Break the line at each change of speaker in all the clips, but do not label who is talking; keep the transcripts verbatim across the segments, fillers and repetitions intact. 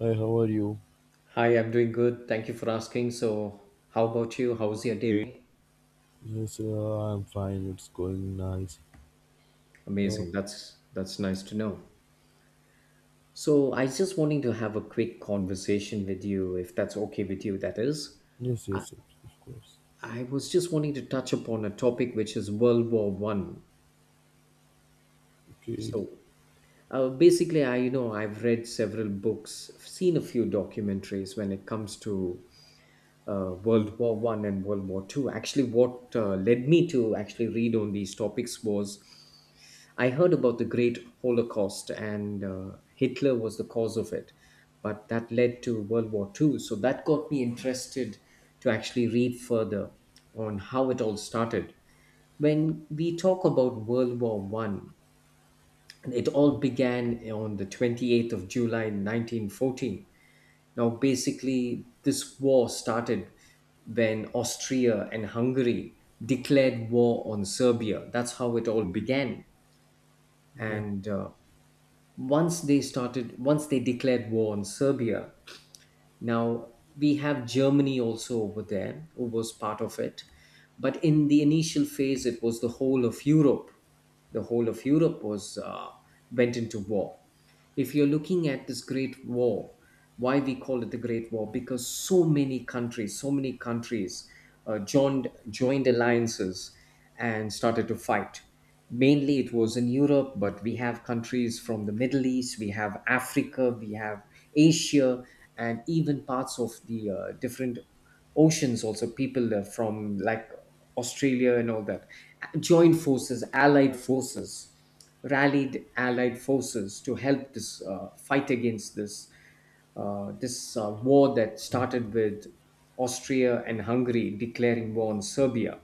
Hi, how are you?
Hi, I'm doing good. Thank you for asking. So, how about you? How's your day been?
Yes, uh, I'm fine. It's going nice. Uh,
Amazing. That's that's nice to know. So, I just wanting to have a quick conversation with you, if that's okay with you. That is,
yes,
I,
yes, yes, of course.
I was just wanting to touch upon a topic which is World War One.
Okay.
So, uh, basically, I you know I've read several books, seen a few documentaries when it comes to uh, World War One and World War Two. Actually, what uh, led me to actually read on these topics was I heard about the Great Holocaust and uh, Hitler was the cause of it, but that led to World War Two. So that got me interested to actually read further on how it all started. When we talk about World War One, it all began on the twenty-eighth of July nineteen fourteen. Now, basically, this war started when Austria and Hungary declared war on Serbia. That's how it all began.
Yeah.
And uh, once they started, once they declared war on Serbia, now we have Germany also over there, who was part of it. But in the initial phase, it was the whole of Europe. The whole of Europe was uh, went into war if you're looking at this great war. Why we call it the great war because so many countries, so many countries uh, joined joined alliances and started to fight. Mainly it was in Europe, but we have countries from the Middle East, we have Africa, we have Asia, and even parts of the uh, different oceans also, people uh, from like Australia and all that joined forces, allied forces, rallied allied forces to help this uh, fight against this uh, this uh, war that started with Austria and Hungary declaring war on Serbia.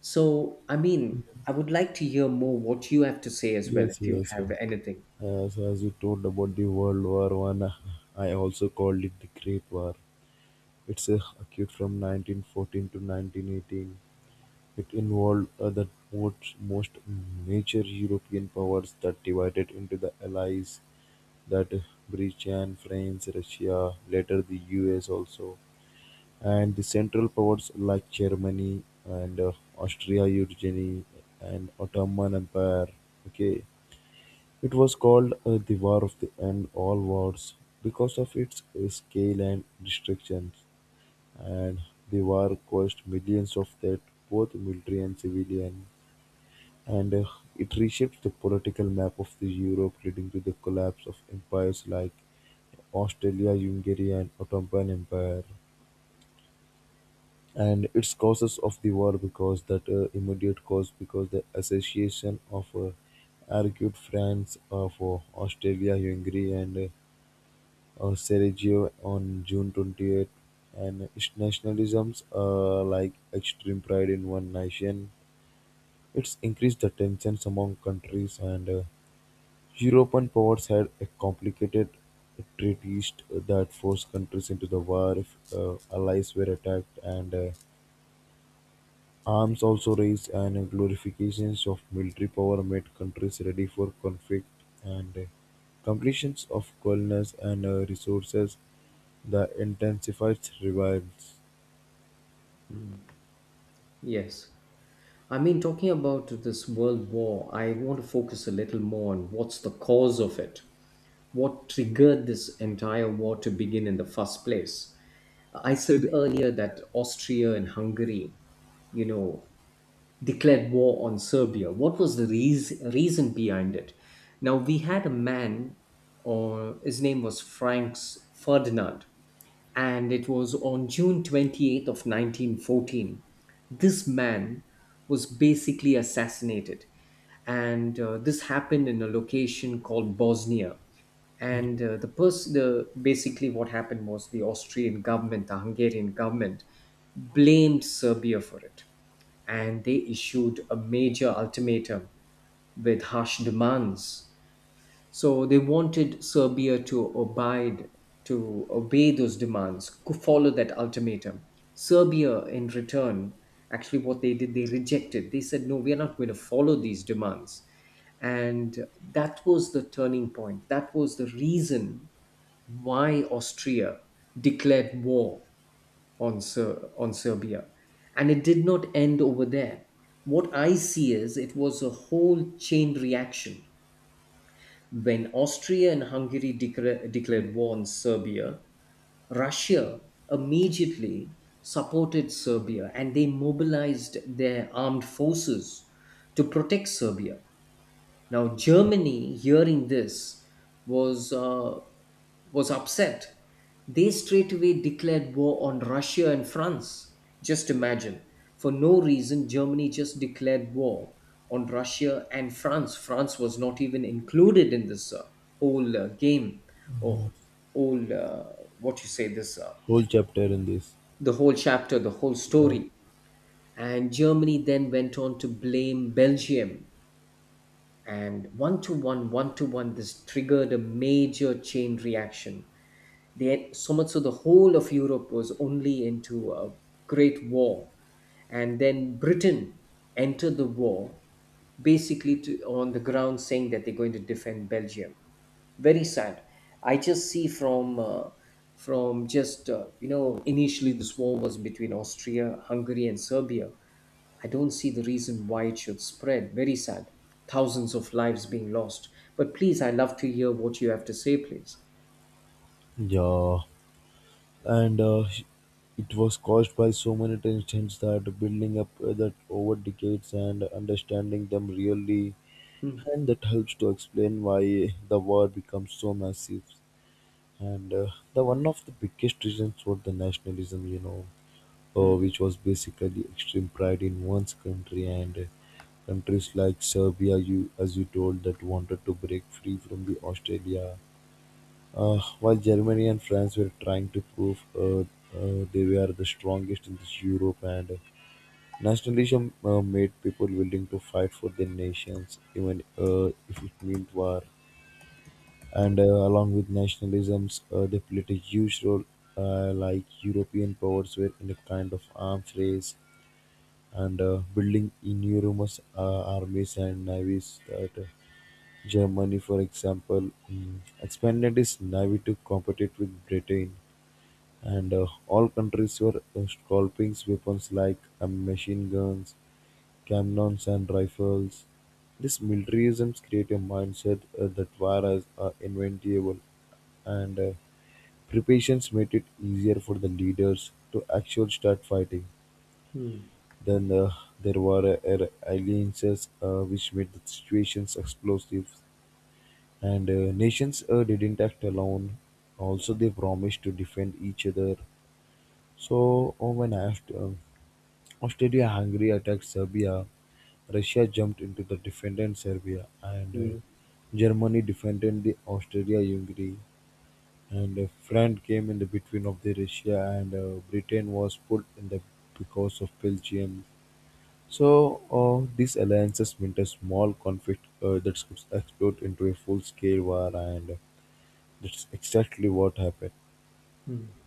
So, I mean, I would like to hear more what you have to say as well,
Yes,
if you
yes. yes.
have anything.
As, as you told about the World War One, I I also called it the Great War. It's uh, occurred from nineteen fourteen to nineteen eighteen. It involved uh, the most, most major European powers that divided into the Allies, that uh, Britain, France, Russia, later the U S also. And the Central powers like Germany and uh, Austria-Hungary and Ottoman Empire. Okay, it was called uh, the War of the End All Wars because of its uh, scale and restrictions. And the war caused millions of dead, both military and civilian. And uh, it reshaped the political map of the Europe, leading to the collapse of empires like Australia, Hungary, and Ottoman Empire. And its causes of the war because that uh, immediate cause because the association of uh, argued France of uh, Australia, Hungary, and uh, uh, Sarajevo on June twenty-eighth, and its nationalisms uh, like extreme pride in one nation. It's increased the tensions among countries, and uh, European powers had a complicated treaties that forced countries into the war if uh, allies were attacked, and uh, arms also raised and glorifications of military power made countries ready for conflict, and uh, completions of colonies and uh, resources that intensified revives.
Yes. I mean, talking about this world war, I want to focus a little more on what's the cause of it. What triggered this entire war to begin in the first place? I said earlier that Austria and Hungary, you know, declared war on Serbia. What was the reas- reason behind it? Now, we had a man, or his name was Franz Ferdinand, and it was on June twenty-eighth of nineteen fourteen. This man was basically assassinated, and uh, this happened in a location called Bosnia. And uh, the person, the basically what happened was the Austrian government, the Hungarian government, blamed Serbia for it and they issued a major ultimatum with harsh demands. So they wanted Serbia to abide, to obey those demands, go follow that ultimatum. Serbia, in return, actually what they did, they rejected. They said, no, we are not going to follow these demands. And that was the turning point. That was the reason why Austria declared war on, Ser- on Serbia. And it did not end over there. What I see is it was a whole chain reaction. When Austria and Hungary decra- declared war on Serbia, Russia immediately supported Serbia and they mobilized their armed forces to protect Serbia. Now,
Yeah.
Germany, hearing this, was uh, was upset. They straightaway declared war on Russia and France. Just imagine, for no reason, Germany just declared war on Russia and France. France was not even included in this uh, whole uh, game, or whole uh, what you say this uh,
Whole chapter in this.
the whole chapter, the whole
Yeah.
story. And Germany then went on to blame Belgium, and one to one one to one this triggered a major chain reaction. They, so much so the whole of Europe was only into a great war, and then Britain entered the war, basically to, on the ground saying that they're going to defend Belgium. Very sad. I just see from uh, from just uh, you know, initially this war was between Austria, Hungary, and Serbia. I don't see the reason why it should spread. Very sad. Thousands of lives being lost. But please, I love to hear what you have to say, please.
Yeah, and uh, it was caused by so many tensions that building up uh, that over decades and understanding them really,
Mm,
and that helps to explain why the war becomes so massive. And uh, the one of the biggest reasons for the nationalism, you know, uh,
mm,
which was basically extreme pride in one's country, and uh, countries like Serbia, you as you told that wanted to break free from the Australia, uh, while Germany and France were trying to prove uh, uh, they were the strongest in this Europe, and uh, nationalism uh, made people willing to fight for their nations even uh, if it meant war, and uh, along with nationalisms uh, they played a huge role, uh, like European powers were in a kind of arms race, and uh, building enormous uh, armies and navies. That uh, Germany, for example, mm, expanded its navy to compete with Britain, and uh, all countries were uh, scalping weapons like uh, machine guns, cannons and rifles. This militarism creates a mindset uh, that war is uh, inventable, and uh, preparations made it easier for the leaders to actually start fighting.
mm,
Then uh, there were uh, alliances uh, which made the situations explosive, and uh, nations uh, didn't act alone. Also, they promised to defend each other. So, oh, when I have to, Austria-Hungary attacked Serbia, Russia jumped into the defended Serbia, and uh,
mm,
Germany defended the Austria-Hungary, and uh, France came in the between of the Russia, and uh, Britain was put in the because of Belgium. So uh, these alliances meant a small conflict uh, that could explode into a full-scale war, and that's exactly what happened.
mm.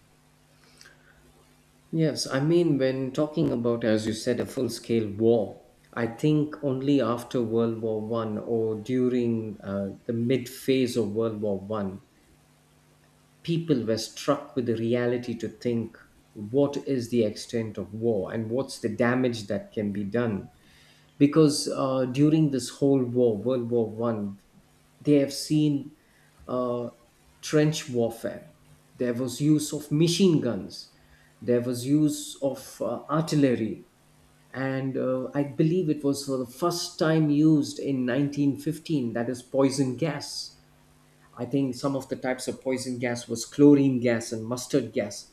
Yes, I mean, when talking about, as you said, a full scale war, I think only after World War One or during uh, the mid phase of World War One, people were struck with the reality to think what is the extent of war and what's the damage that can be done because uh, during this whole war, World War One, they have seen uh, trench warfare. There was use of machine guns. There was use of uh, artillery, and uh, I believe it was for the first time used in nineteen fifteen. That is poison gas. I think some of the types of poison gas was chlorine gas and mustard gas.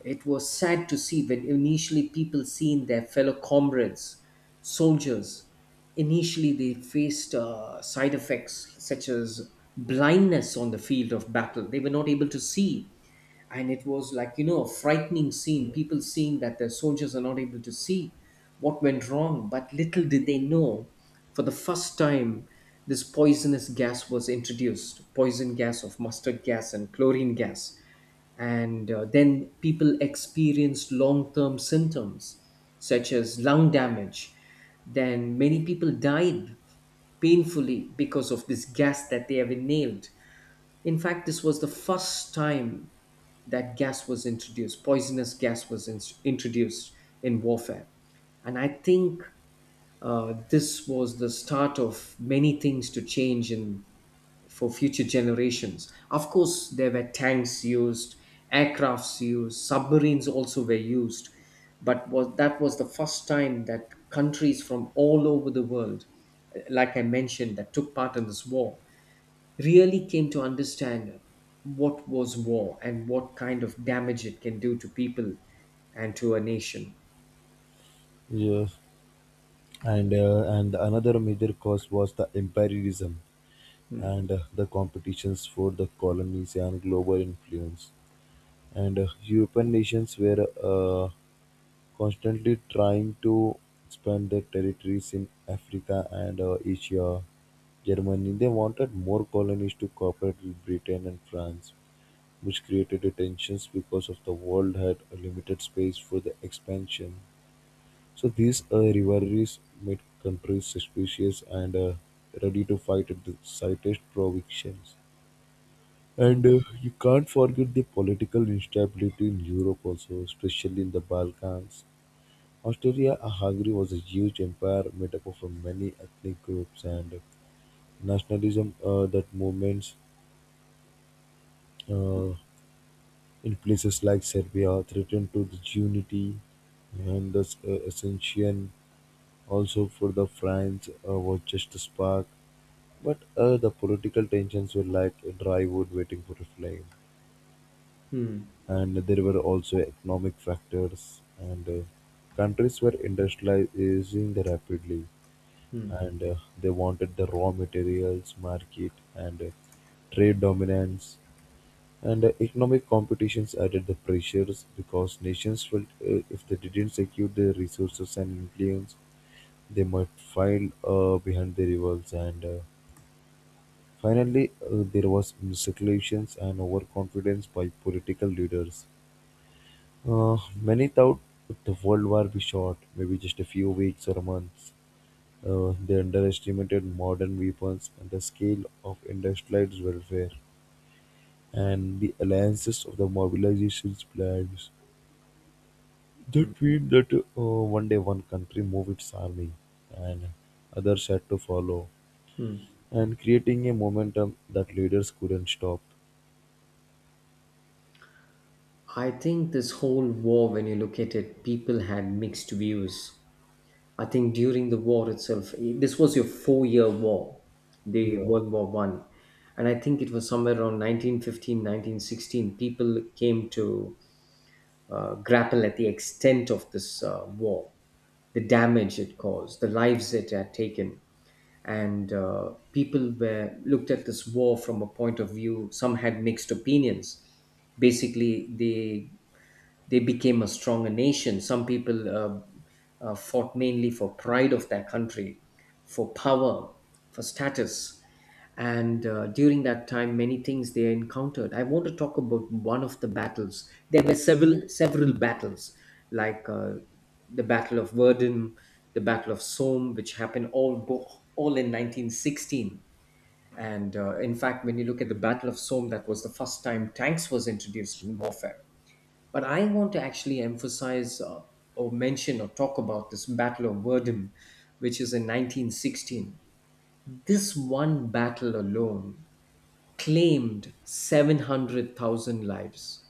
It was sad to see when initially people seen their fellow comrades, soldiers, initially they faced uh, side effects such as blindness on the field of battle. They were not able to see. And it was like, you know, a frightening scene. People seeing that their soldiers are not able to see what went wrong. But little did they know, for the first time, this poisonous gas was introduced, poison gas of mustard gas and chlorine gas, and uh, then people experienced long-term symptoms such as lung damage. Then many people died painfully because of this gas that they have inhaled. In fact, this was the first time that gas was introduced, poisonous gas was in- introduced in warfare. And I think uh, this was the start of many things to change in, for future generations. Of course, there were tanks used, aircrafts used, submarines also were used, but was that was the first time that countries from all over the world, eh, like I mentioned, that took part in this war, really came to understand what was war and what kind of damage it can do to people and to a nation.
Yes, and uh, and another major cause was the imperialism.
Hmm.
And uh, the competitions for the colonies and global influence. And uh, European nations were uh, constantly trying to expand their territories in Africa and uh, Asia. Germany, they wanted more colonies to cooperate with Britain and France, which created the tensions because of the world had a limited space for the expansion. So these uh, rivalries made countries suspicious and uh, ready to fight at the slightest provocations.
Hmm.
And uh, you can't forget the political instability in Europe also, especially in the Balkans. Austria Hungary was a huge empire made up of uh, many ethnic groups, and nationalism uh, that movements uh, in places like Serbia threatened to the unity and the uh, ascension also for the France uh, was just a spark. But uh, the political tensions were like a dry wood waiting for a flame.
Hmm.
And there were also economic factors, and uh, countries were industrializing rapidly,
Hmm.
and uh, they wanted the raw materials market and uh, trade dominance, and uh, economic competitions added the pressures because nations felt uh, if they didn't secure their resources and influence they might file uh, behind the rivals, and uh, finally uh, there was miscalculations and overconfidence by political leaders. Uh, many thought the world war be short, maybe just a few weeks or months. Uh, they underestimated modern weapons and the scale of industrialized warfare and the alliances of the mobilization's plans.
Hmm.
That means that uh, one day one country moved its army and others had to follow,
Hmm.
and creating a momentum that leaders couldn't stop.
I think this whole war, when you look at it, people had mixed views. I think during the war itself, this was your four-year war, the
Yeah.
World War One, and I think it was somewhere around nineteen fifteen, nineteen sixteen. People came to uh, grapple at the extent of this uh, war, the damage it caused, the lives it had taken, and uh, people were looked at this war from a point of view. Some had mixed opinions. Basically, they they became a stronger nation. Some people uh, uh, fought mainly for pride of their country, for power, for status. And uh, during that time, many things they encountered. I want to talk about one of the battles. There were several several battles, like uh, the Battle of Verdun, the Battle of Somme, which happened all bo- all in nineteen sixteen. And uh, in fact, when you look at the Battle of Somme, that was the first time tanks was introduced in warfare. But I want to actually emphasize uh, or mention or talk about this Battle of Verdun, which is in nineteen sixteen. This one battle alone claimed seven hundred thousand lives.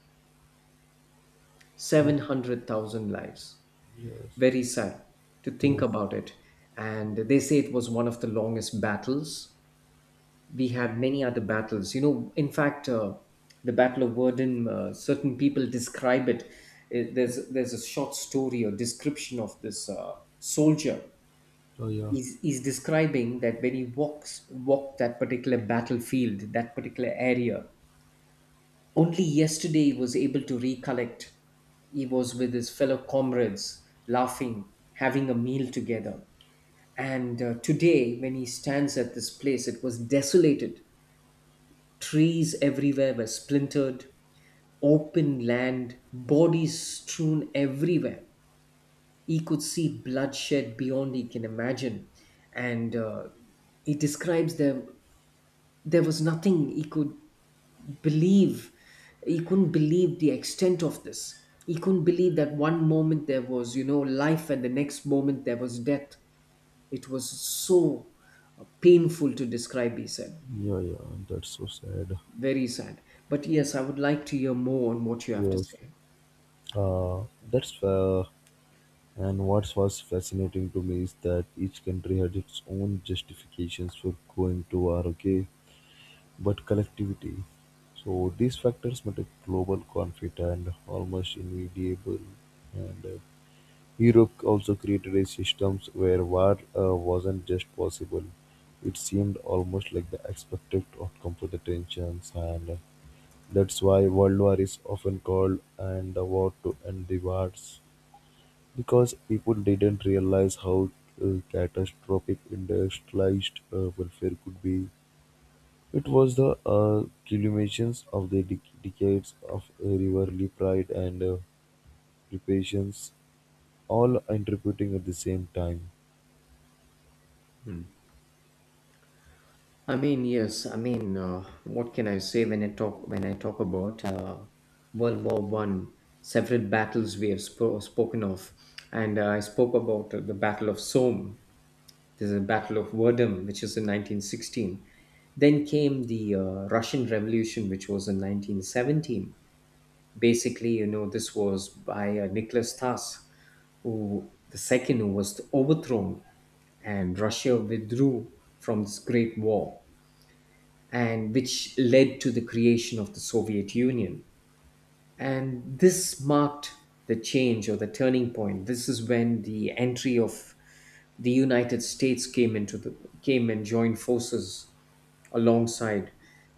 Oh,
seven hundred thousand lives.
yes.
Very sad to think
Yes.
about it. And they say it was one of the longest battles. We had many other battles. You know, in fact, uh, the Battle of Verdun, uh, certain people describe it. Uh, There's there's a short story or description of this uh, soldier.
Oh, yeah.
He's, he's describing that when he walks walked that particular battlefield, that particular area, only yesterday he was able to recollect. He was with his fellow comrades, laughing, having a meal together. And uh, today, when he stands at this place, it was desolated. Trees everywhere were splintered, open land, bodies strewn everywhere. He could see bloodshed beyond he can imagine. And uh, he describes there, there was nothing he could believe. He couldn't believe the extent of this. He couldn't believe that one moment there was, you know, life and the next moment there was death. It was so uh, painful to describe, he said.
Yeah, yeah. That's so sad.
Very sad. But yes, I would like to hear more on what you have to
Yes.
say.
Uh, that's fair. And what was fascinating to me is that each country had its own justifications for going to war, okay? But collectivity. So these factors made a global conflict and almost inevitable. And uh, Europe also created a systems where war uh, wasn't just possible. It seemed almost like the expected outcome for the tensions, and uh, that's why World War is often called and the war to end the wars. Because people didn't realize how uh, catastrophic industrialized uh, welfare could be, it was the uh, culminations of the dec decades of uh, rivalry, pride, and uh, reparations, all interpreting at the same time.
I mean, yes, I mean, uh, what can I say when I talk when I talk about uh, World War One? Several battles we have spo- spoken of, and uh, I spoke about uh, the Battle of Somme. There's a Battle of Verdun, which is in nineteen sixteen. Then came the uh, Russian Revolution, which was in nineteen seventeen. Basically, you know, this was by uh, Nicholas Tass, who the second who was overthrown, and Russia withdrew from this Great War, and which led to the creation of the Soviet Union. And this marked the change or the turning point. This is when the entry of the United States came into the came and joined forces alongside,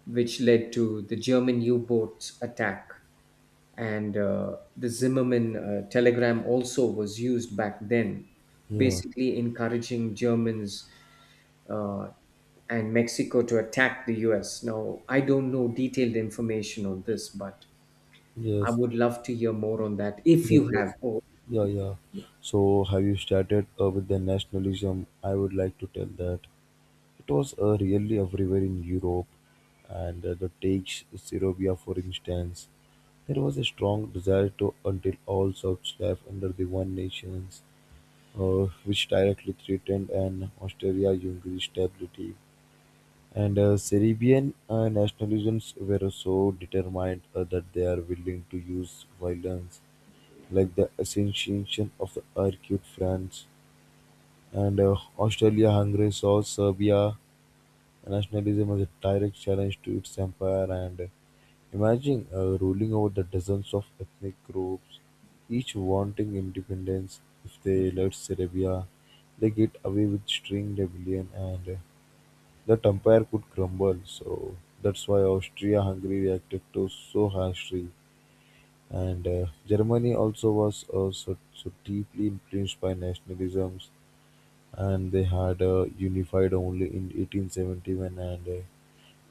which led to the German U-boat attack and uh, the Zimmerman uh, telegram also was used back then,
Yeah.
basically encouraging Germans uh, and Mexico to attack the U S. Now, I don't know detailed information on this, but I
Yes.
would love to hear more on that if
Yes.
you have.
Yes.
Oh,
Yeah. Yeah. So, have you started uh, with the nationalism? I would like to tell that. It was uh, really everywhere in Europe, and uh, that takes Serbia for instance. There was a strong desire to until all Serbs life under the one nations, uh, which directly threatened an Austria-Hungary stability. And uh, Serbian uh, nationalisms were so determined uh, that they are willing to use violence, like the assassination of the Arcade France. And uh, Austria-Hungary saw Serbia nationalism was a direct challenge to its empire, and imagine uh, ruling over the dozens of ethnic groups, each wanting independence. If they left Serbia, they get away with string rebellion, and uh, that empire could crumble. So that's why Austria-Hungary reacted to so harshly, and uh, Germany also was uh, so, so deeply influenced by nationalisms, and they had uh, unified only in eighteen seventy-one and. Uh,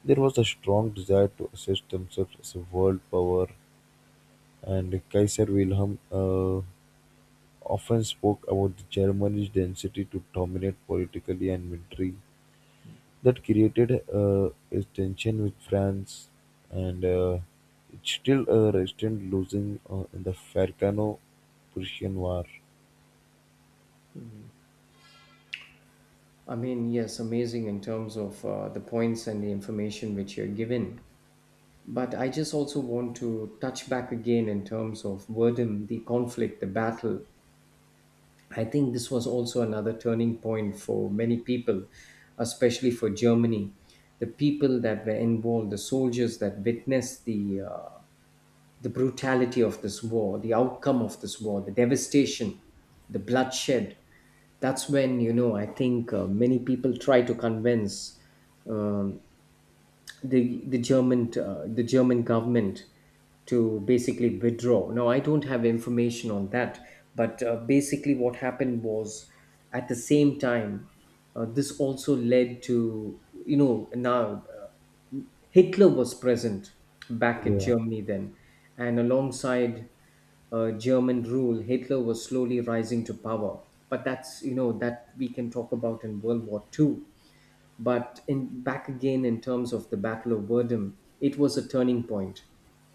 There was a strong desire to assert themselves as a world power, and Kaiser Wilhelm uh, often spoke about the Germany's density to dominate politically and military. That created uh, a tension with France, and uh, it still uh, resisted losing uh, in the Falcano-Prussian War.
I mean, yes, amazing in terms of uh, the points and the information which you're given. But I just also want to touch back again in terms of Verdun, the conflict, the battle. I think this was also another turning point for many people, especially for Germany. The people that were involved, the soldiers that witnessed the uh, the brutality of this war, the outcome of this war, the devastation, the bloodshed. That's when you know. I think uh, many people try to convince um the the German uh, the German government to basically withdraw. Now, I don't have information on that, but uh, basically, what happened was at the same time, uh, this also led to you know now uh, Hitler was present back in
Yeah,
Germany then, and alongside uh, German rule. Hitler was slowly rising to power. But that's you know that we can talk about in World War Two. But in back again in terms of the Battle of Verdun, it was a turning point.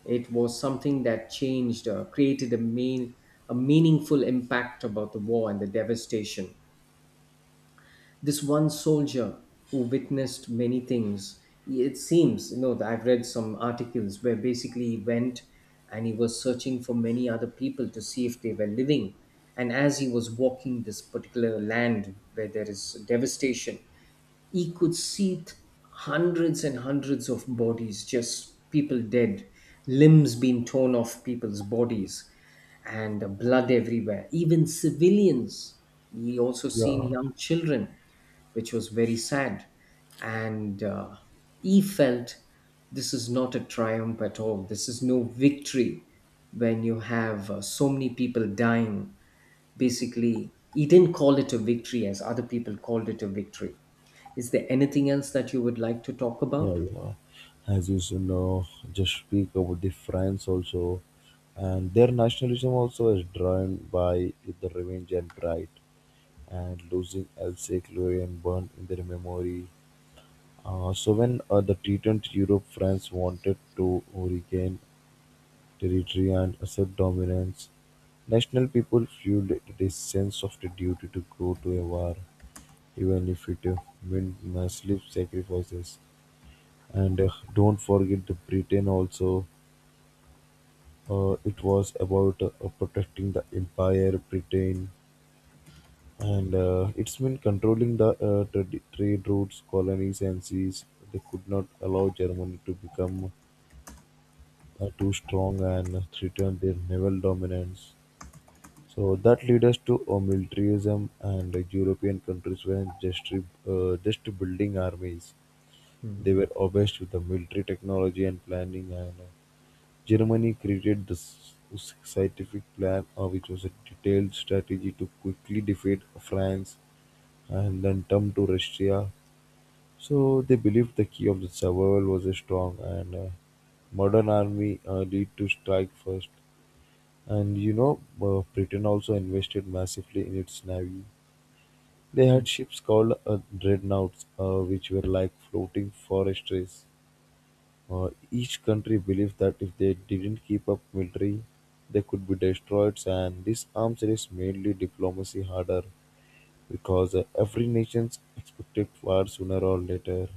It was something that changed, uh, created a main, a meaningful impact about the war and the devastation. This one soldier, who witnessed many things, it seems you know that I've read some articles where basically he went and he was searching for many other people to see if they were living. And as he was walking this particular land where there is devastation, he could seat hundreds and hundreds of bodies, just people dead, limbs being torn off people's bodies, and uh, blood everywhere. Even civilians. He also seen
yeah.
young children, which was very sad, and uh, he felt this is not a triumph at all. This is no victory when you have uh, so many people dying. Basically, he didn't call it a victory as other people called it a victory. Is there anything else that you would like to talk
Yeah,
about?
yeah. As you should know, just speak about the France also, and their nationalism also is driven by the revenge and pride, and losing Alsace Lorraine burned in their memory. Uh, so when uh, the T twenty Europe, France wanted to regain territory and assert dominance. National people fueled this sense of the duty to go to a war, even if it uh, meant massive sacrifices. And uh, don't forget the Britain also. Uh, it was about uh, protecting the empire, Britain, and uh, it's been controlling the uh, trad- trade routes, colonies, and seas. They could not allow Germany to become uh, too strong and threaten their naval dominance. So that led us to uh, militarism, and uh, European countries were just uh, just building armies. They were obsessed with the military technology and planning, and uh, Germany created the s- scientific plan uh, which was a detailed strategy to quickly defeat France and then turn to Russia. So they believed the key of the survival was a strong and uh, modern army uh, lead to strike first. And you know, uh, Britain also invested massively in its navy. They
Hmm.
had ships called uh, dreadnoughts, uh, which were like floating forestries. Uh, Each country believed that if they didn't keep up military, they could be destroyed, and this arms race made the diplomacy harder because uh, every nation expected war sooner or later.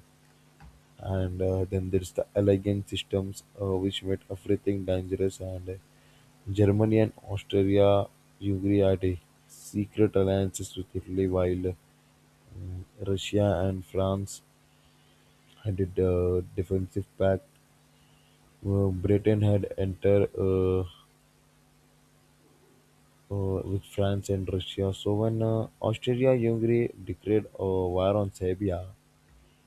And uh, then there's the alliance systems, uh, which made everything dangerous, and uh, Germany and Austria, Hungary had a secret alliances with Italy, while uh, Russia and France had a uh, defensive pact. Uh, Britain had entered uh, uh, with France and Russia. So when uh, Austria-Hungary declared uh, war on Serbia,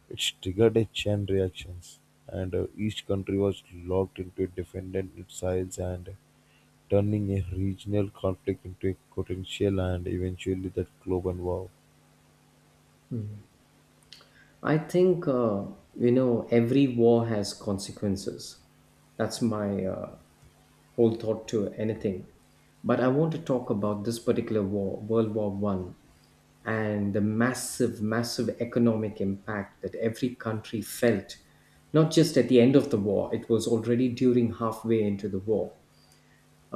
it triggered a chain reactions, and uh, each country was locked into defending its sides and turning a regional conflict into a potential and eventually that global war.
I think uh, you know every war has consequences. That's my uh, whole thought to anything. But I want to talk about this particular war, World War one, and the massive massive economic impact that every country felt, not just at the end of the war. It was already during halfway into the war.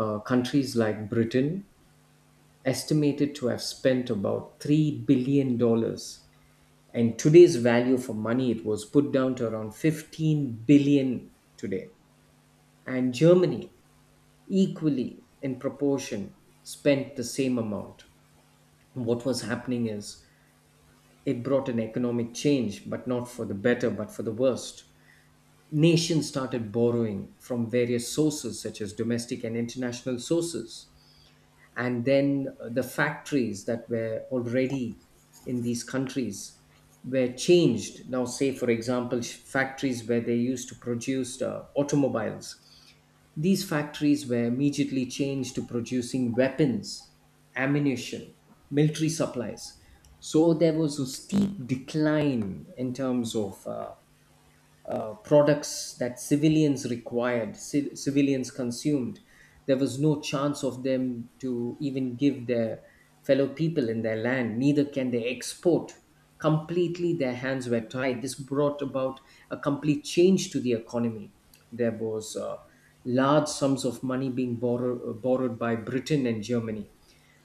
Uh, countries like Britain, estimated to have spent about three billion dollars. Dollars. And today's value for money, it was put down to around fifteen billion today. And Germany, equally in proportion, spent the same amount. What was happening is it brought an economic change, but not for the better, but for the worst. Nations started borrowing from various sources, such as domestic and international sources. And then uh, the factories that were already in these countries were changed. Now, say for example, sh- factories where they used to produce uh, automobiles, these factories were immediately changed to producing weapons, ammunition, military supplies. So there was a steep decline in terms of uh, uh, products that civilians required, ci- civilians consumed. There was no chance of them to even give their fellow people in their land, neither can they export. Completely, their hands were tied. This brought about a complete change to the economy. There was uh, large sums of money being borrow- uh, borrowed by Britain and Germany.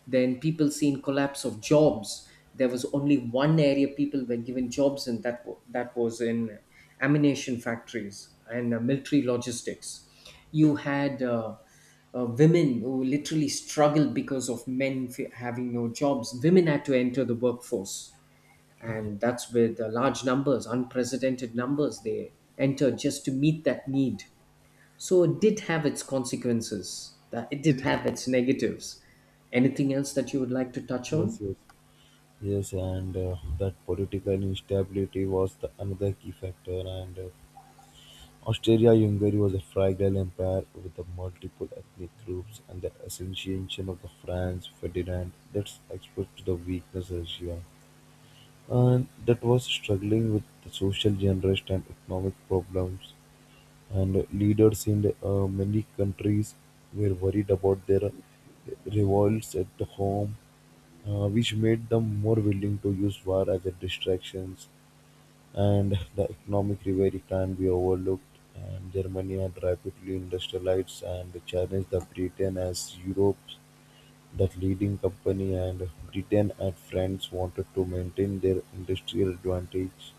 Then people seen collapse of jobs. There was only one area people were given jobs, and that wa- that was in ammunition factories and uh, military logistics. You had uh, uh, women who literally struggled because of men f- having no jobs. Women had to enter the workforce,
Yeah.
and that's with uh, large numbers, unprecedented numbers. They entered just to meet that need. So it did have its consequences. That it did have its negatives. Anything else that you would like to touch
Yes,
on?
yes, yes, and uh, that political instability was the another key factor, and uh, Austria-Hungary was a fragile empire with the multiple ethnic groups, and the assassination of the Franz Ferdinand that exposed to the weakness of Russia, and that was struggling with the social unrest and economic problems. And leaders in uh, many countries were worried about their revolts at home, uh, which made them more willing to use war as a distractions, and the economic rivalry can be overlooked, and Germany had rapidly industrialized and challenged the Britain as Europe's the leading company, and Britain and France wanted to maintain their industrial advantage.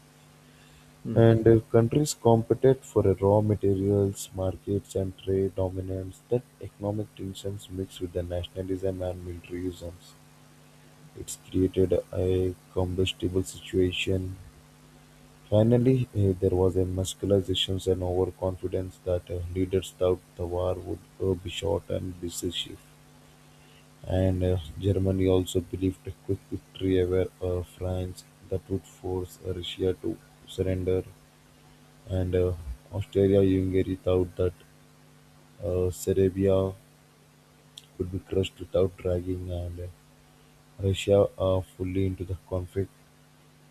Hmm.
And uh, countries competed for uh, raw materials, markets, and trade dominance. That economic tensions mixed with the nationalism and militarisms. It's created a combustible situation. Finally, eh, there was a muscularization and overconfidence that uh, leaders thought the war would uh, be short and decisive, and uh, Germany also believed a quick victory over uh, France that would force uh, Russia to surrender, and Austria-Hungary thought that uh, Serbia could be crushed without dragging and uh, Russia uh, fully into the conflict.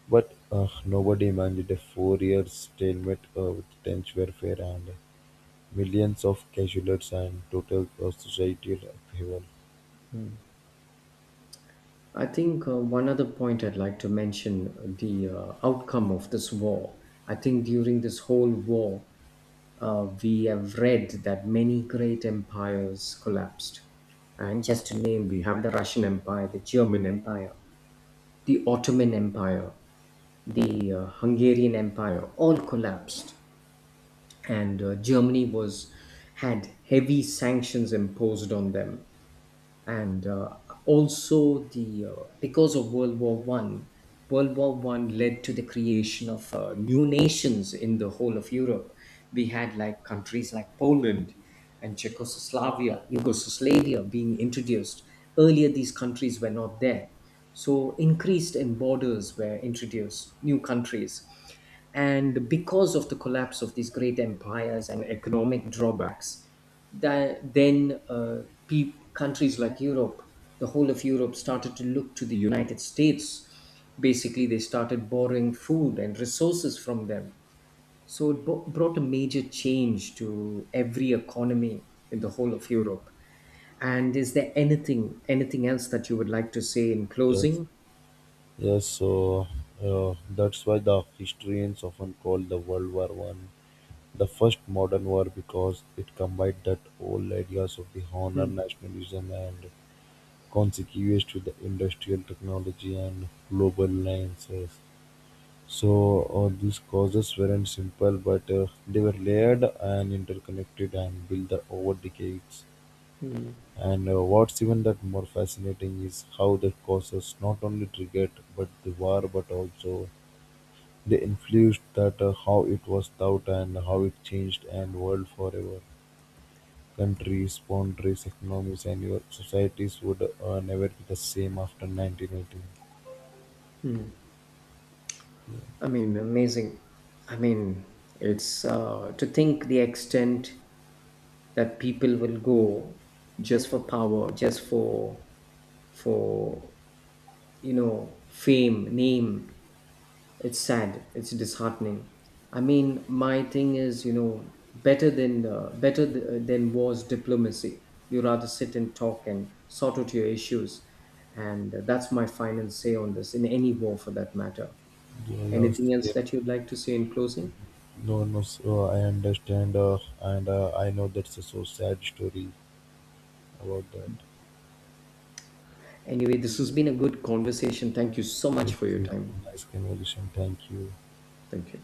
But uh, nobody imagined a four-year stalemate uh, with trench warfare and eh, millions of casualties and total uh, societal upheaval.
I think uh, one other point I'd like to mention, uh, the uh, outcome of this war. I think during this whole war, uh, we have read that many great empires collapsed. And just to name, we have the Russian Empire, the German Empire, the Ottoman Empire, the uh, Hungarian Empire, all collapsed. And uh, Germany was had heavy sanctions imposed on them. And uh, also the uh, because of World War One, World War One led to the creation of uh, new nations in the whole of Europe. We had like countries like Poland and Czechoslovakia, Yugoslavia being introduced. Earlier these countries were not there. So increased in borders, were introduced new countries. And because of the collapse of these great empires and economic drawbacks, that then uh, pe- countries like Europe, the whole of Europe started to look to the United States. Basically, they started borrowing food and resources from them. So it bo- brought a major change to every economy in the whole of Europe. And is there anything anything else that you would like to say in
Yes,
closing?
yes. So uh, that's why the historians often call the World War One the first modern war because it combined that old ideas of the honor,
Mm,
nationalism, and consequence to the industrial technology and global alliances. So uh, these causes weren't simple, but uh, they were layered and interconnected and built over decades. And uh, what's even that more fascinating is how the causes not only triggered but the war, but also they influenced that uh, how it was thought and how it changed and world forever. Countries, boundaries, economies, and your societies would uh, never be the same after nineteen eighteen.
mm. I mean, amazing. I mean, it's uh, to think the extent that people will go just for power, just for for you know fame, name. It's sad, it's disheartening. I mean, my thing is you know better than uh, better th- uh, than was diplomacy. You rather sit and talk and sort out your issues, and that's my final say on this in any war for that matter.
Yeah, yeah,
Anything else
same.
that you'd like to say in closing?
No, no, so I understand, uh, and uh, I know that's a so sad story about that.
Anyway, this has been a good conversation. Thank you so much
This
for your
is
time.
a nice conversation. Thank you.
Thank you.